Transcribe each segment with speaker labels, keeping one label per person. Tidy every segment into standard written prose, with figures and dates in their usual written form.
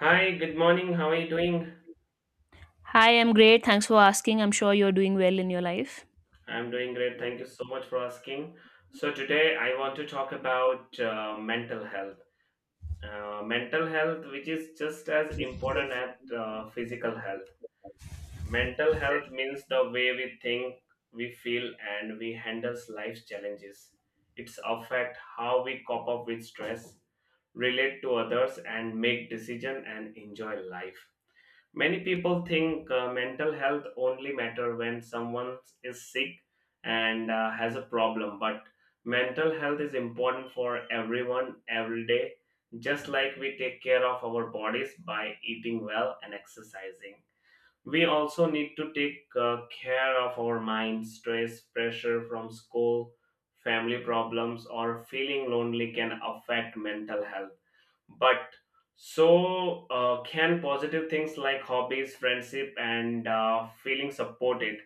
Speaker 1: Hi, good morning. How are you doing?
Speaker 2: Hi, I'm great. Thanks for asking. I'm sure you're doing well in your life.
Speaker 1: I'm doing great. Thank you so much for asking. So, today I want to talk about mental health. Mental health, which is just as important as physical health. Mental health means the way we think, we feel, and we handle life's challenges. It's affect how we cope up with stress, relate to others, and make decision and enjoy life. Many people think mental health only matter when someone is sick and has a problem, but mental health is important for everyone every day, just like we take care of our bodies by eating well and exercising. We also need to take care of our mind. Stress, pressure from school, family problems, or feeling lonely can affect mental health, but so can positive things like hobbies, friendship, and feeling supported.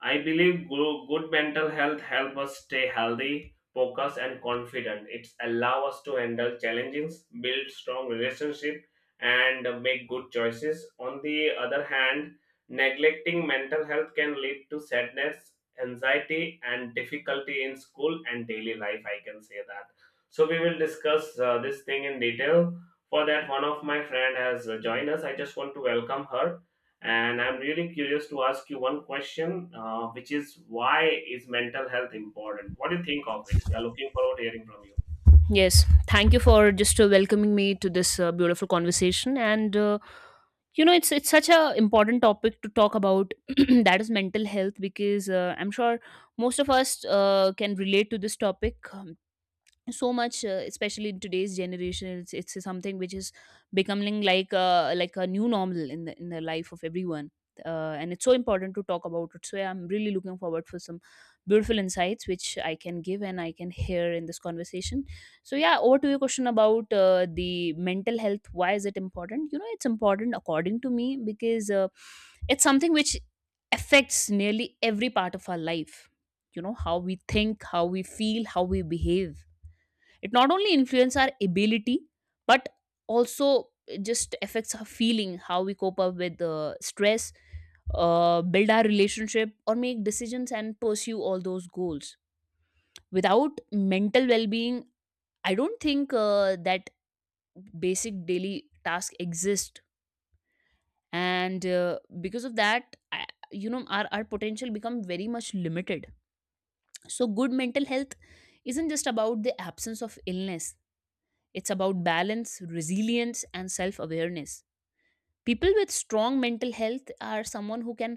Speaker 1: I believe good mental health help us stay healthy, focused, and confident. It allow us to handle challenges, build strong relationship, and make good choices. On the other hand, neglecting mental health can lead to sadness, anxiety, and difficulty in school and daily life. I can say that. So we will discuss this thing in detail. For that, one of my friend has joined us. I just want to welcome her. And I'm really curious to ask you one question, which is, why is mental health important? What do you think of it? We are looking forward to hearing from you.
Speaker 2: Yes, thank you for just welcoming me to this beautiful conversation. And you know, it's such a important topic to talk about. That is mental health because I'm sure most of us can relate to this topic. So much especially in today's generation it's something which is becoming like a new normal in the life of everyone, and it's so important to talk about it. So yeah, I'm really looking forward for some beautiful insights which I can give and I can hear in this conversation. So yeah, over to your question about the mental health. Why is it important? You know, it's important according to me because it's something which affects nearly every part of our life. You know, how we think, how we feel, how we behave. It not only influences our ability, but also it just affects our feeling, how we cope up with stress, build our relationship, or make decisions and pursue all those goals. Without mental well-being, I don't think that basic daily task exist, and because of that, I, you know, our potential become very much limited. So, good mental health isn't just about the absence of illness. It's about balance, resilience, and self awareness. People with strong mental health are someone who can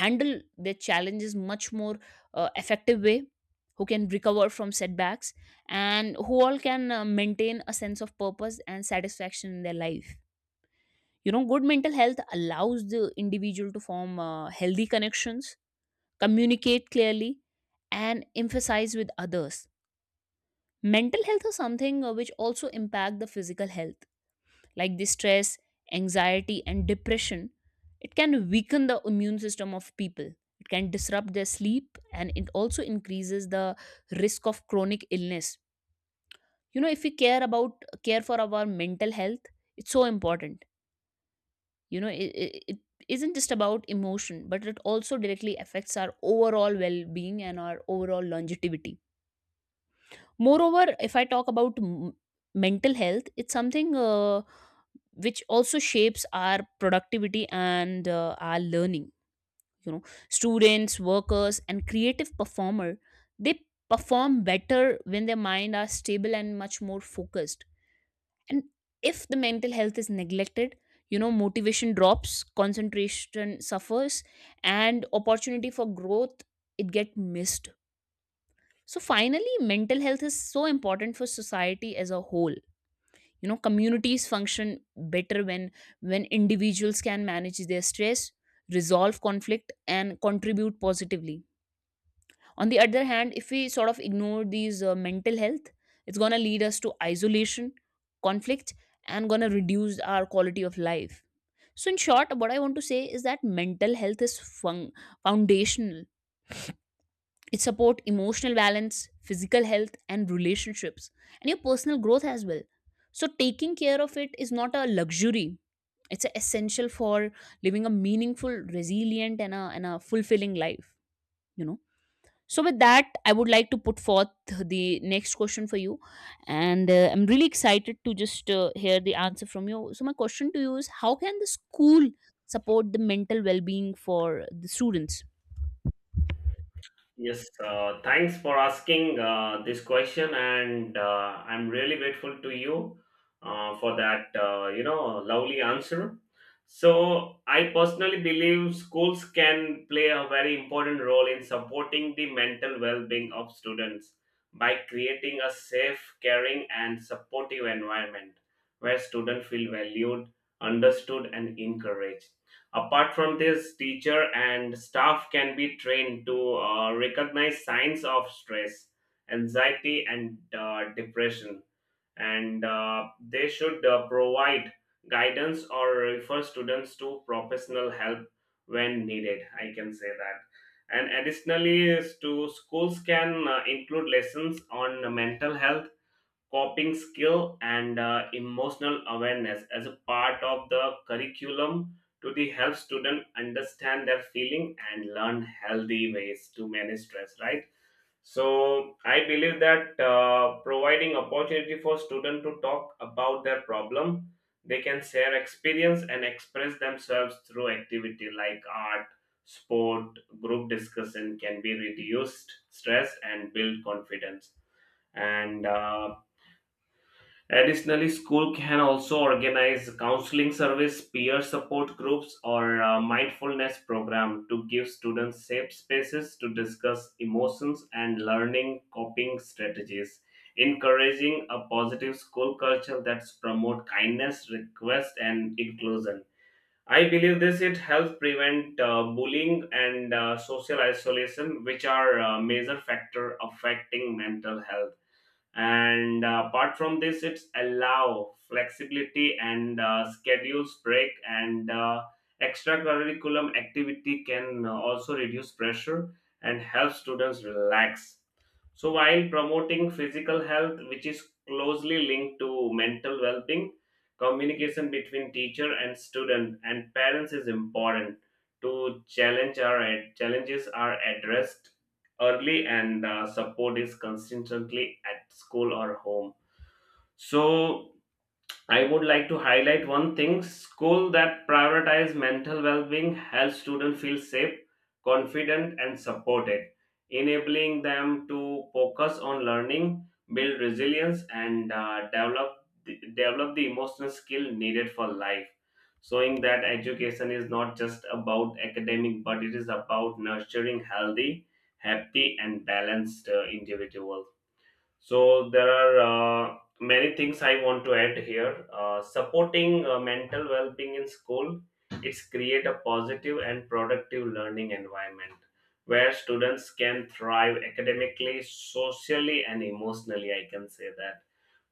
Speaker 2: handle their challenges much more effective way, who can recover from setbacks, and who all can maintain a sense of purpose and satisfaction in their life. You know, good mental health allows the individual to form healthy connections, communicate clearly, and emphasize with others. Mental health is something which also impact the physical health, like the stress, anxiety, and depression. It can weaken the immune system of people. It can disrupt their sleep and it also increases the risk of chronic illness. You know, if we care about care for our mental health, it's so important. You know, it isn't just about emotion, but it also directly affects our overall well being and our overall longevity. Moreover, if I talk about mental health, it's something which also shapes our productivity and our learning. You know, students, workers and creative performer, they perform better when their mind are stable and much more focused. And if the mental health is neglected, you know, motivation drops, concentration suffers, and opportunity for growth, it get missed. So finally mental health is so important for society as a whole. You know, communities function better when individuals can manage their stress, resolve conflict, and contribute positively. On the other hand, if we sort of ignore these mental health, it's going to lead us to isolation, conflict, and going to reduce our quality of life. So in short what I want to say is that mental health is foundational. It support emotional balance, physical health and relationships, and your personal growth as well. So taking care of it is not a luxury, it's a essential for living a meaningful, resilient and a fulfilling life, you know. So with that I would like to put forth the next question for you, and I'm really excited to just hear the answer from you. So my question to you is, how can the school support the mental well-being for the students?
Speaker 1: Yes, thanks for asking this question, and I'm really grateful to you for that, lovely answer. So, I personally believe schools can play a very important role in supporting the mental well-being of students by creating a safe, caring, and supportive environment where students feel valued, understood, and encouraged. Apart from this, teacher and staff can be trained to recognize signs of stress, anxiety, and depression, and they should provide guidance or refer students to professional help when needed. I can say that. And additionally, is to schools can include lessons on mental health, coping skill, and emotional awareness as a part of the curriculum to the help student understand their feeling and learn healthy ways to manage stress, right? So I believe that providing opportunity for student to talk about their problem, they can share experience and express themselves through activity like art, sport, group discussion can be reduced stress and build confidence. And additionally, school can also organize counseling service, peer support groups, or mindfulness program to give students safe spaces to discuss emotions and learning coping strategies. Encouraging a positive school culture that promote kindness, request, and inclusion. I believe this it helps prevent bullying and social isolation, which are a major factor affecting mental health. And apart from this, it's allow flexibility and schedules break, and extracurriculum activity can also reduce pressure and help students relax. So, while promoting physical health, which is closely linked to mental well being, communication between teacher and student and parents is important to challenge our challenges are addressed early, and support is consistently at school or home. So I would like to highlight one thing: school that prioritize mental well-being helps students feel safe, confident, and supported, enabling them to focus on learning, build resilience, and develop the emotional skill needed for life, showing that education is not just about academic, but it is about nurturing healthy, happy, and balanced individuals. So there are uh, many things I want to add here. Supporting mental well-being in school, it's create a positive and productive learning environment where students can thrive academically, socially, and emotionally. I can say that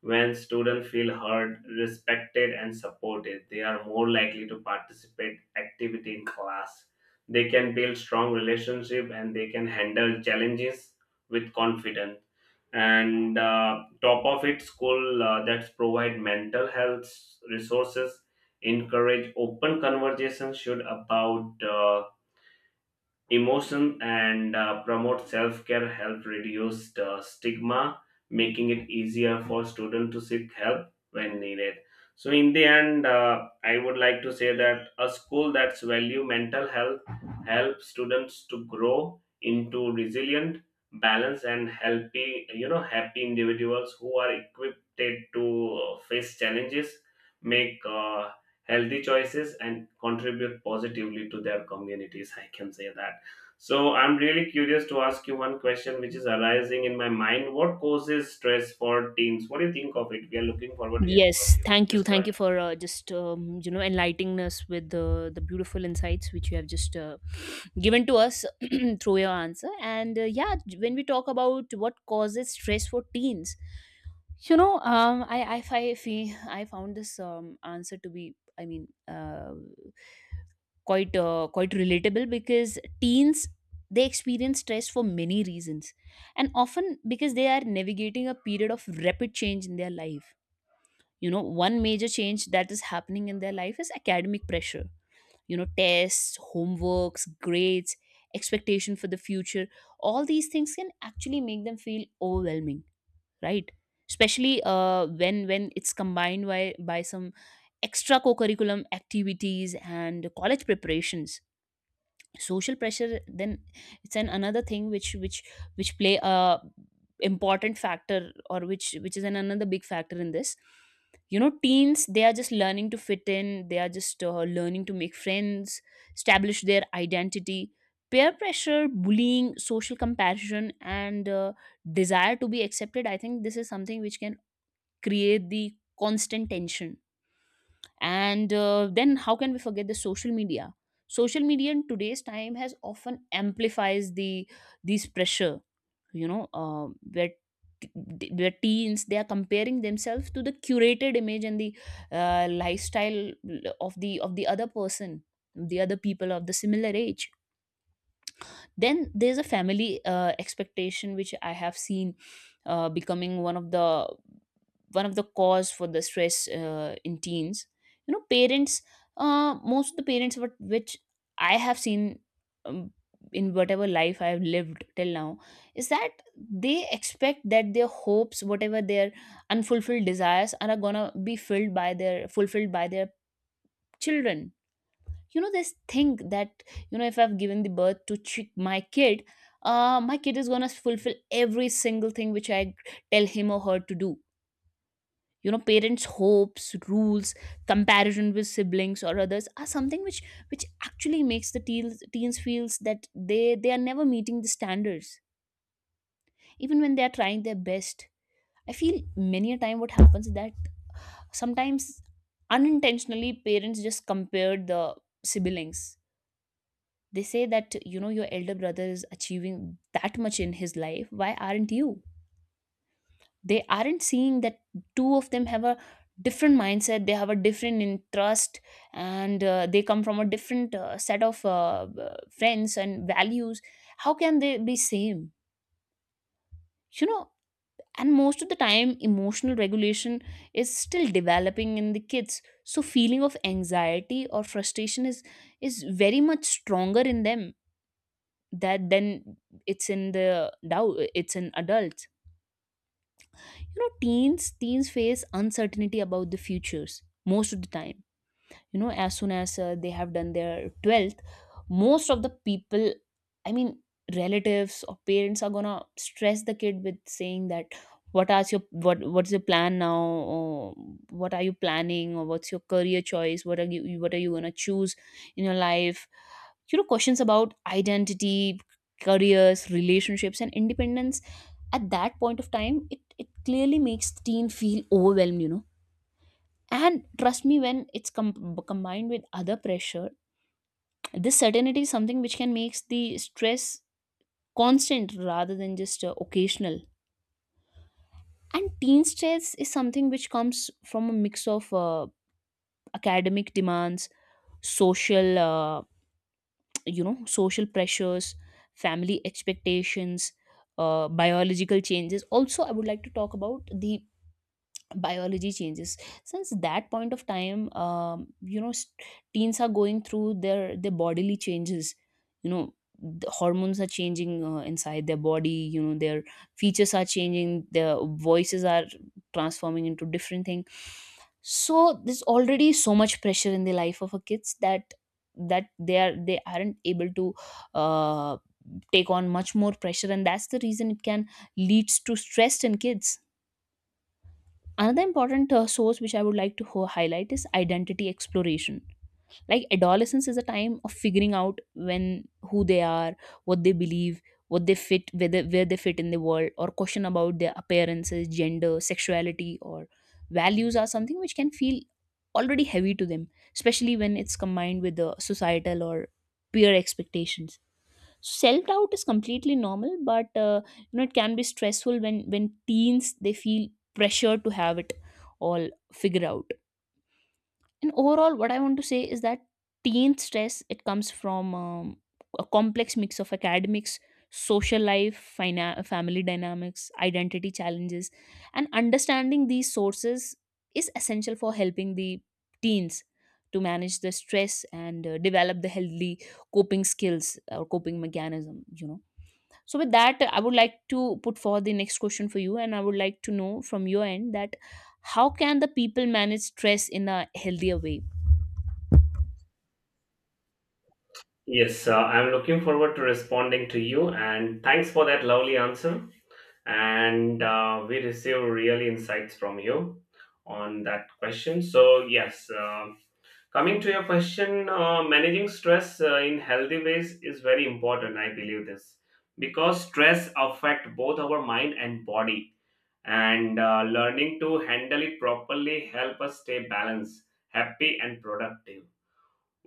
Speaker 1: when students feel heard, respected, and supported, they are more likely to participate activity in class. They can build strong relationship and they can handle challenges with confidence. And top of it, school that provide mental health resources, encourage open conversation should about emotion, and promote self-care help reduce the stigma, making it easier for students to seek help when needed. So in the end, I would like to say that a school that's value mental health helps students to grow into resilient, balanced, and healthy, you know, happy individuals who are equipped to face challenges, make healthy choices, and contribute positively to their communities. I can say that. So I'm really curious to ask you one question which is arising in my mind. What causes stress for teens? What do you think of it? We are looking forward to hearing from
Speaker 2: Yes,
Speaker 1: you. Just go
Speaker 2: thank
Speaker 1: ahead.
Speaker 2: you for just you know, enlightening us with the beautiful insights which you have just given to us through your answer. And yeah, when we talk about what causes stress for teens, you know, I found this answer to be, I mean, quite relatable because teens, they experience stress for many reasons, and often because they are navigating a period of rapid change in their life. You know, one major change that is happening in their life is academic pressure. You know, tests, homeworks, grades, expectation for the future, all these things can actually make them feel overwhelming, right? Especially when it's combined by some extra co-curriculum activities and college preparations. Social pressure then, it's an another thing which play a important factor, or which is an another big factor in this. You know, teens, they are just learning to fit in, they are just learning to make friends, establish their identity. Peer pressure, bullying, social comparison and desire to be accepted, I think this is something which can create the constant tension. And then how can we forget the social media? Social media in today's time has often amplifies the these pressure. You know, where t- where teens, they are comparing themselves to the curated image and the lifestyle of the other person, the other people of the similar age. Then there's a family expectation which I have seen becoming one of the cause for the stress in teens. You know, parents, most of the parents what which I have seen, um, in whatever life I have lived till now, is that they expect that their hopes, whatever their unfulfilled desires are gonna be filled by their, fulfilled by their children. You know, this thing that, you know, if I've given the birth to my kid, my kid is gonna fulfill every single thing which I tell him or her to do. You know, parents hopes, rules, comparison with siblings or others are something which actually makes the teens feels that they are never meeting the standards even when they are trying their best. I feel many a time what happens is that sometimes unintentionally parents just compare the siblings. They say that, you know, your elder brother is achieving that much in his life, why aren't you? They aren't seeing that two of them have a different mindset, they have a different interest, and they come from a different set of friends and values. How can they be same, you know? And most of the time emotional regulation is still developing in the kids. So feeling of anxiety or frustration is very much stronger in them that then it's in the doubt, it's in adults. You know, teens face uncertainty about the futures most of the time. You know, as soon as they have done their 12th, most of the people, I mean, relatives or parents are gonna stress the kid with saying that, what are your, what's your plan now? Or what are you planning? Or what's your career choice? What are you gonna choose in your life? You know, questions about identity, careers, relationships and independence at that point of time, it clearly makes teen feel overwhelmed, you know. And trust me, when it's combined with other pressure, this certainty is something which can make the stress constant rather than just occasional. And teen stress is something which comes from a mix of academic demands, social, you know, social pressures, family expectations, biological changes. Also, I would like to talk about the biology changes. Since that point of time, you know, teens are going through their bodily changes. You know, the hormones are changing inside their body. You know, their features are changing, their voices are transforming into different thing. So there's already so much pressure in the life of a kids that they are, they aren't able to uh, take on much more pressure, and that's the reason it can leads to stress in kids. Another important source which I would like to highlight is identity exploration. Like adolescence is a time of figuring out when who they are, what they believe, what they fit, whether where they fit in the world, or question about their appearances, gender, sexuality, or values are something which can feel already heavy to them, especially when it's combined with the societal or peer expectations. Self doubt is completely normal, but you know, it can be stressful when teens, they feel pressure to have it all figured out. And overall what I want to say is that teen stress, it comes from a complex mix of academics, social life, family dynamics, identity challenges, and understanding these sources is essential for helping the teens to manage the stress and develop the healthy coping skills or coping mechanism, you know. So with that, I would like to put forward the next question for you, and I would like to know from your end that how can the people manage stress in a healthier way?
Speaker 1: Yes, I'm looking forward to responding to you, and thanks for that lovely answer. And we receive really insights from you on that question. So yes, coming to your question, managing stress in healthy ways is very important. I believe this because stress affect both our mind and body, and learning to handle it properly help us stay balanced, happy, and productive.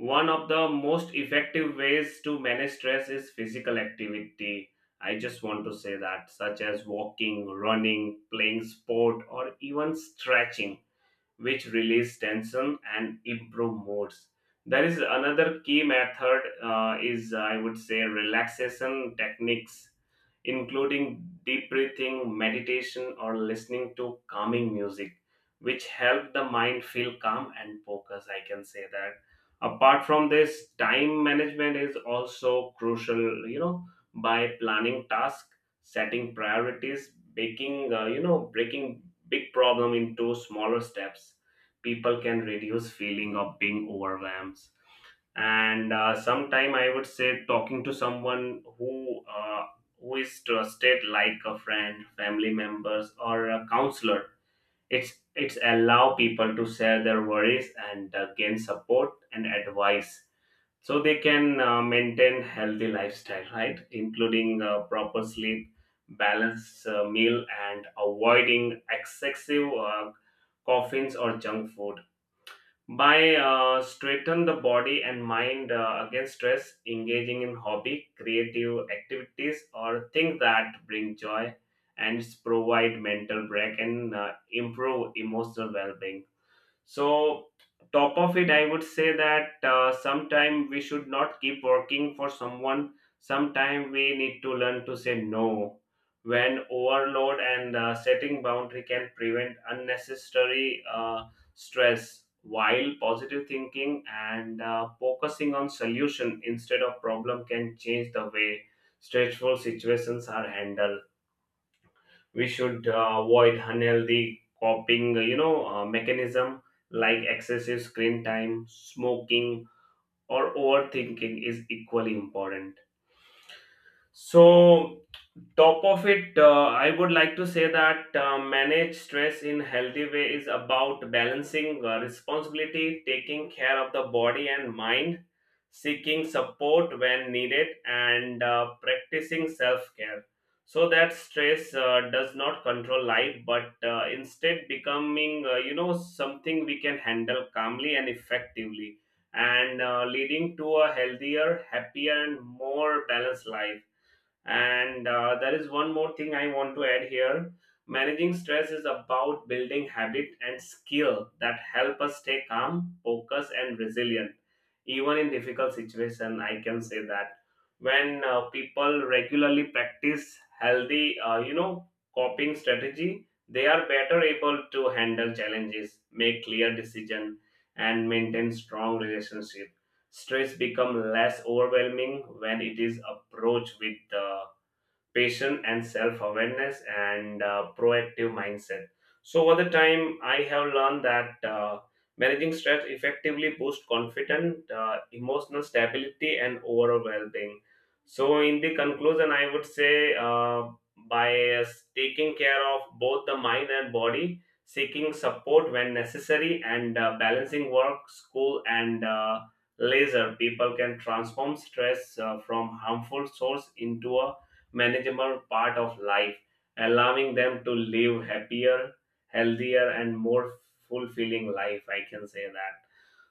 Speaker 1: One of the most effective ways to manage stress is physical activity. I just want to say that, such as walking, running, playing sport, or even stretching, which release tension and improve moods. There is another key method, is, I would say, relaxation techniques including deep breathing, meditation, or listening to calming music, which help the mind feel calm and focused. I can say that. Apart from this, time management is also crucial, you know, by planning tasks, setting priorities, breaking, breaking big problem into smaller steps. People can reduce feeling of being overwhelmed. And sometime I would say talking to someone who is trusted, like a friend, family members, or a counselor, it's allow people to share their worries and gain support and advice, so they can maintain healthy lifestyle, right, including proper sleep, balanced meal, and avoiding excessive coffins or junk food, by straighten the body and mind against stress, engaging in hobby, creative activities, or things that bring joy, and provide mental break, and improve emotional well-being. So, top of it, I would say that sometime we should not keep working for someone. Sometime we need to learn to say no. When overload and setting boundary can prevent unnecessary stress, while positive thinking and focusing on solution instead of problem can change the way stressful situations are handled. We should avoid unhealthy coping, mechanism like excessive screen time, smoking, or overthinking is equally important. So, top of it, I would like to say that, manage stress in healthy way is about balancing responsibility, taking care of the body and mind, seeking support when needed, and practicing self care, so that stress does not control life, but instead becoming, something we can handle calmly and effectively, and leading to a healthier, happier, and more balanced life. And there is one more thing I want to add here. Managing stress is about building habit and skill that help us stay calm, focused, and resilient, even in difficult situation. I can say that when people regularly practice healthy, coping strategy, they are better able to handle challenges, make clear decision, and maintain strong relationship. Stress become less overwhelming when it is approached with patience and self-awareness, and proactive mindset. So over the time I have learned that, managing stress effectively boosts confidence, emotional stability, and overall well-being. So in the conclusion I would say, by uh, taking care of both the mind and body, seeking support when necessary, and balancing work, school, and laser, people can transform stress from harmful source into a manageable part of life, allowing them to live happier, healthier, and more fulfilling life. I can say that.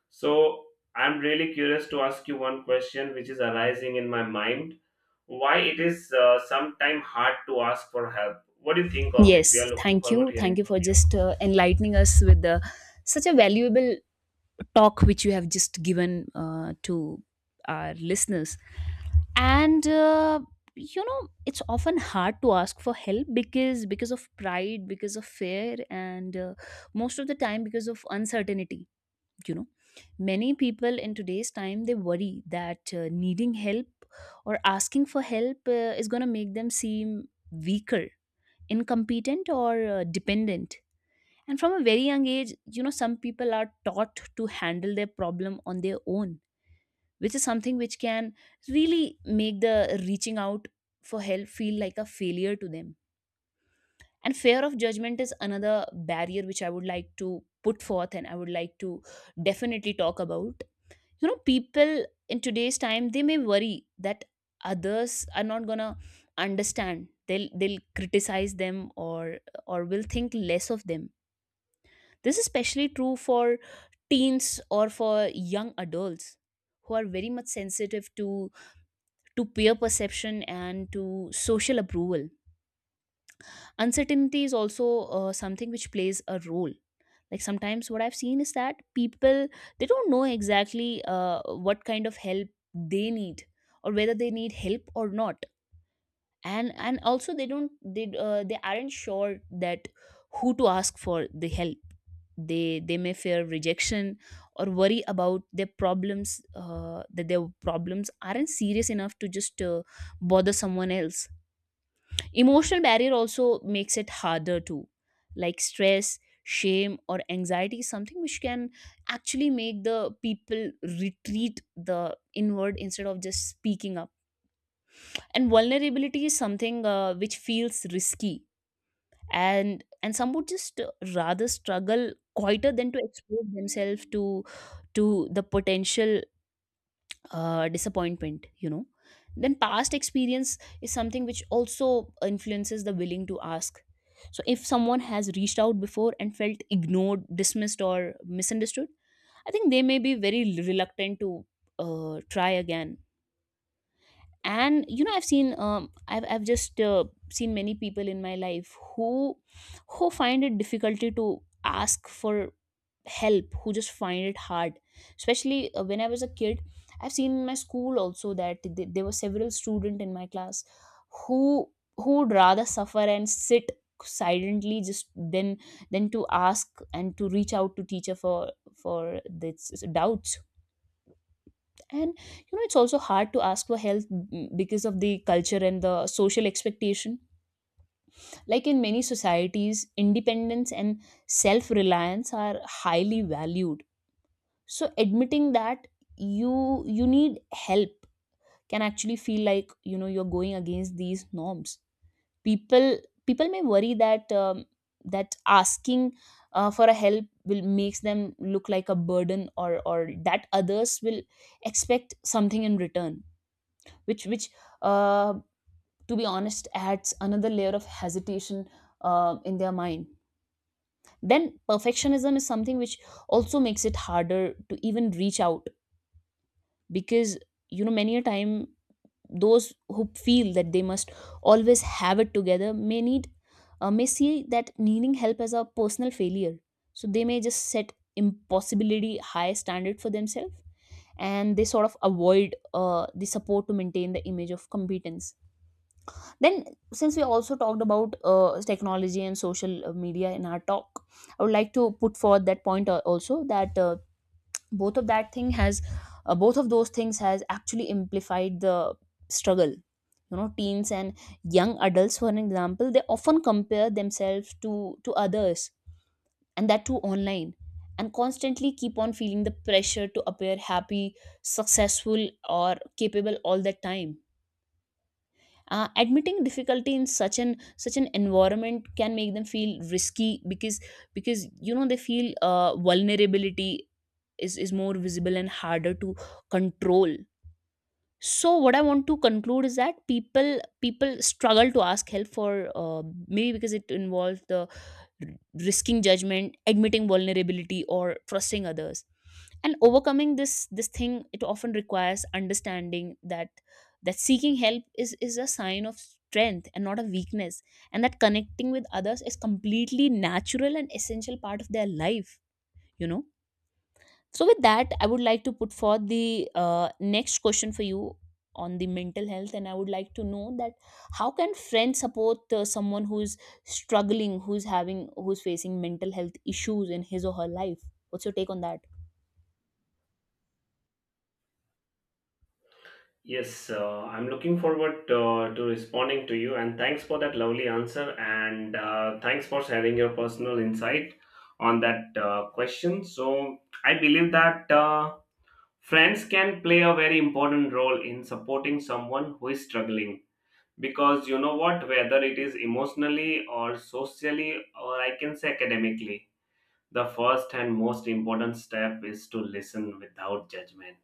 Speaker 1: So, I'm really curious to ask you one question which is arising in my mind. Why it is sometimes hard to ask for help? What do you think of it? We are
Speaker 2: Yes,
Speaker 1: looking
Speaker 2: thank
Speaker 1: forward
Speaker 2: you,
Speaker 1: to
Speaker 2: thank
Speaker 1: hearing
Speaker 2: you for
Speaker 1: from you.
Speaker 2: just enlightening us with the such a valuable talk which you have just given to our listeners. And it's often hard to ask for help because of pride, because of fear, and most of the time because of uncertainty you know Many people in today's time, they worry that needing help or asking for help is going to make them seem weaker, incompetent, or dependent. And from a very young age, you know, some people are taught to handle their problem on their own, which is something which can really make the reaching out for help feel like a failure to them. And fear of judgment is another barrier which I would like to put forth and I would like to definitely talk about. You know, people in today's time, they may worry that others are not gonna understand, they'll criticize them, or will think less of them. This is especially true for teens or for young adults who are very much sensitive to peer perception and to social approval. Uncertainty is also something which plays a role. Like sometimes what I've seen is that people, they don't know exactly what kind of help they need, or whether they need help or not. And also they don't, they aren't sure that who to ask for the help. They may fear rejection or worry about their problems, that their problems aren't serious enough to just bother someone else. Emotional barrier also makes it harder too, like stress, shame, or anxiety, is something which can actually make the people retreat the inward instead of just speaking up. And vulnerability is something which feels risky, and some would just rather struggle quieter than to expose themselves to the potential disappointment, you know. Then past experience is something which also influences the willing to ask. So if someone has reached out before and felt ignored, dismissed, or misunderstood, I think they may be very reluctant to try again. And you know, I've seen I've just seen many people in my life who find it difficulty to ask for help, who just find it hard, especially when I was a kid. I've seen in my school also that there were several students in my class who who would rather suffer and sit silently just then than to ask and to reach out to teacher for this doubts. And you know, it's also hard to ask for help because of the culture and the social expectation. Like in many societies, independence and self-reliance are highly valued. So admitting that you need help can actually feel like, you know, you're going against these norms. People, people may worry that that asking for a help will makes them look like a burden, or that others will expect something in return, which uh, to be honest, adds another layer of hesitation in their mind. Then perfectionism is something which also makes it harder to even reach out, because you know, many a time those who feel that they must always have it together may need, may see that needing help as a personal failure. So they may just set impossibility high standard for themselves, and they sort of avoid the support to maintain the image of competence. Then, since we also talked about technology and social media in our talk, I would like to put forward that point also, that both of that thing has, both of those things has actually amplified the struggle. You know, teens and young adults, for an example, they often compare themselves to others, and that too online, and constantly keep on feeling the pressure to appear happy, successful, or capable all the time. Admitting difficulty in such an environment can make them feel risky, because you know, they feel vulnerability is more visible and harder to control. So what I want to conclude is that people struggle to ask help for, maybe because it involves the r- risking judgment, admitting vulnerability, or trusting others. And overcoming this thing, it often requires understanding that that seeking help is a sign of strength and not a weakness, and that connecting with others is completely natural and essential part of their life, you know. So with that, I would like to put forth the next question for you on the mental health, and I would like to know that how can friends support someone who's struggling, who's having, who's facing mental health issues in his or her life? What's your take on that?
Speaker 1: Yes, I'm looking forward to responding to you, and thanks for that lovely answer, and thanks for sharing your personal insight on that question. So, I believe that friends can play a very important role in supporting someone who is struggling, because, you know what, whether it is emotionally or socially, or I can say academically, the first and most important step is to listen without judgment,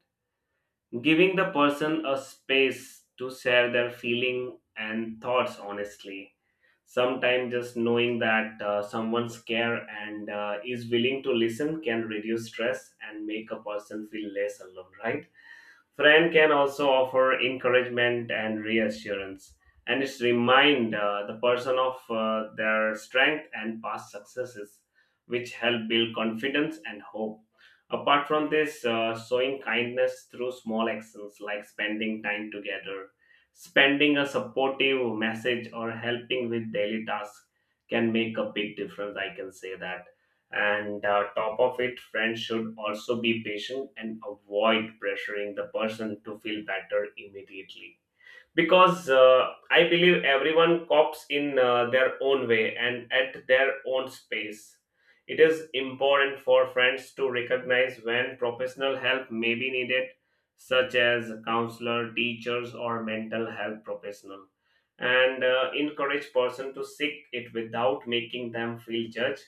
Speaker 1: giving the person a space to share their feeling and thoughts honestly. Sometimes just knowing that someone's care and is willing to listen can reduce stress and make a person feel less alone, right? Friend can also offer encouragement and reassurance, and it's remind the person of their strength and past successes, which help build confidence and hope. Apart from this, showing kindness through small actions like spending time together, spending a supportive message, or helping with daily tasks can make a big difference. I can say that. And top of it, friends should also be patient and avoid pressuring the person to feel better immediately, because I believe everyone cops in their own way and at their own space. It is important for friends to recognize when professional help may be needed, such as counselor, teachers, or mental health professional, and encourage person to seek it without making them feel judged.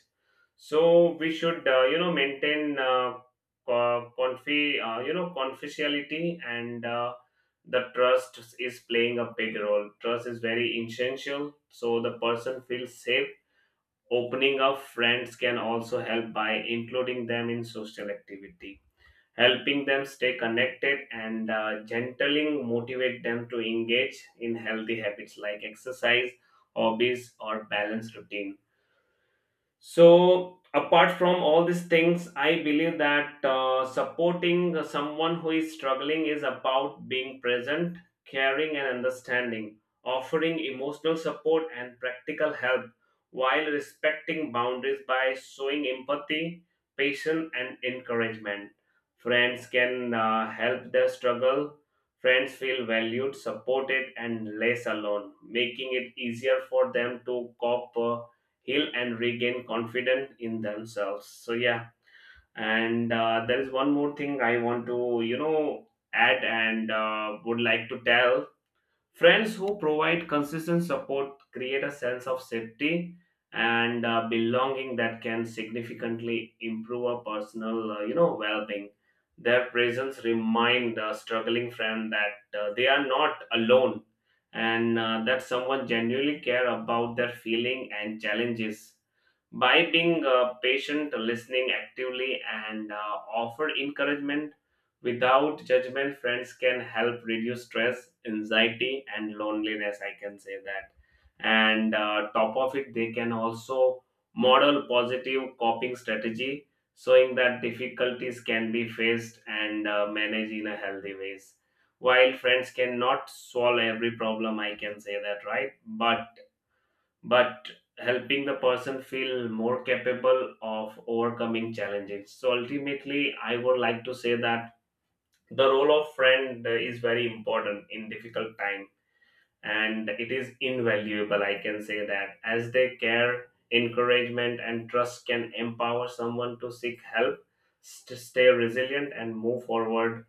Speaker 1: So we should, maintain confidentiality, and the trust is playing a big role. Trust is very essential, so the person feels safe. Opening up, friends can also help by including them in social activity, helping them stay connected, and gently motivate them to engage in healthy habits like exercise, hobbies, or balanced routine. So, apart from all these things, I believe that supporting someone who is struggling is about being present, caring, and understanding, offering emotional support and practical help while respecting boundaries by showing empathy, patience, and encouragement. Friends can help their struggle. Friends feel valued, supported, and less alone, making it easier for them to cope, heal, and regain confidence in themselves. So yeah, and there is one more thing I want to, you know, add, and would like to tell. Friends who provide consistent support create a sense of safety and belonging that can significantly improve a personal, well-being. Their presence remind a struggling friend that they are not alone, and that someone genuinely care about their feeling and challenges. By being patient, listening actively, and offer encouragement without judgment, friends can help reduce stress, anxiety, and loneliness. I can say that. And top of it, they can also model positive coping strategy, showing that difficulties can be faced and managed in a healthy ways. While friends cannot solve every problem, I can say that, right, but helping the person feel more capable of overcoming challenges. So ultimately I would like to say that the role of friend is very important in difficult time, and it is invaluable, I can say that, as they care, encouragement, and trust can empower someone to seek help, stay resilient, and move forward,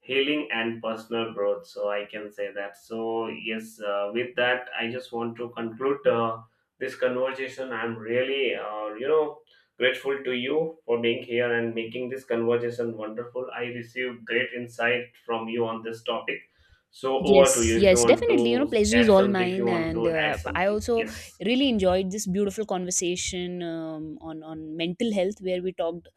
Speaker 1: healing and personal growth. So I can say that. So yes, with that, I just want to conclude this conversation. I'm really, grateful to you for being here and making this conversation wonderful. I received great insight from you on this topic. So over to
Speaker 2: Yes,
Speaker 1: you, if you
Speaker 2: yes,
Speaker 1: want to
Speaker 2: definitely. You know, pleasure is
Speaker 1: add
Speaker 2: all
Speaker 1: something, if you
Speaker 2: mine,
Speaker 1: want
Speaker 2: and
Speaker 1: to add
Speaker 2: I
Speaker 1: something.
Speaker 2: also
Speaker 1: Yes.
Speaker 2: really enjoyed this beautiful conversation on mental health, where we talked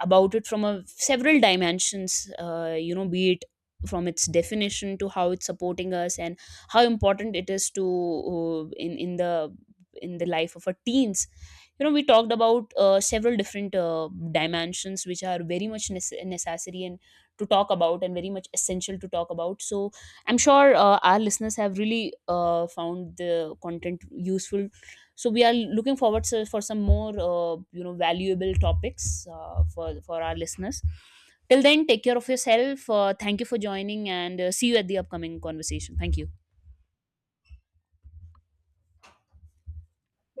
Speaker 2: about it from a several dimensions. You know, be it from its definition to how it's supporting us and how important it is to, in the life of our teens. You know, we talked about several different dimensions which are very much necessary and to talk about and very much essential to talk about. So I'm sure our listeners have really found the content useful. So we are looking forward to, for some more you know, valuable topics for our listeners. Till then, take care of yourself. Thank you for joining, and see you at the upcoming conversation. Thank you.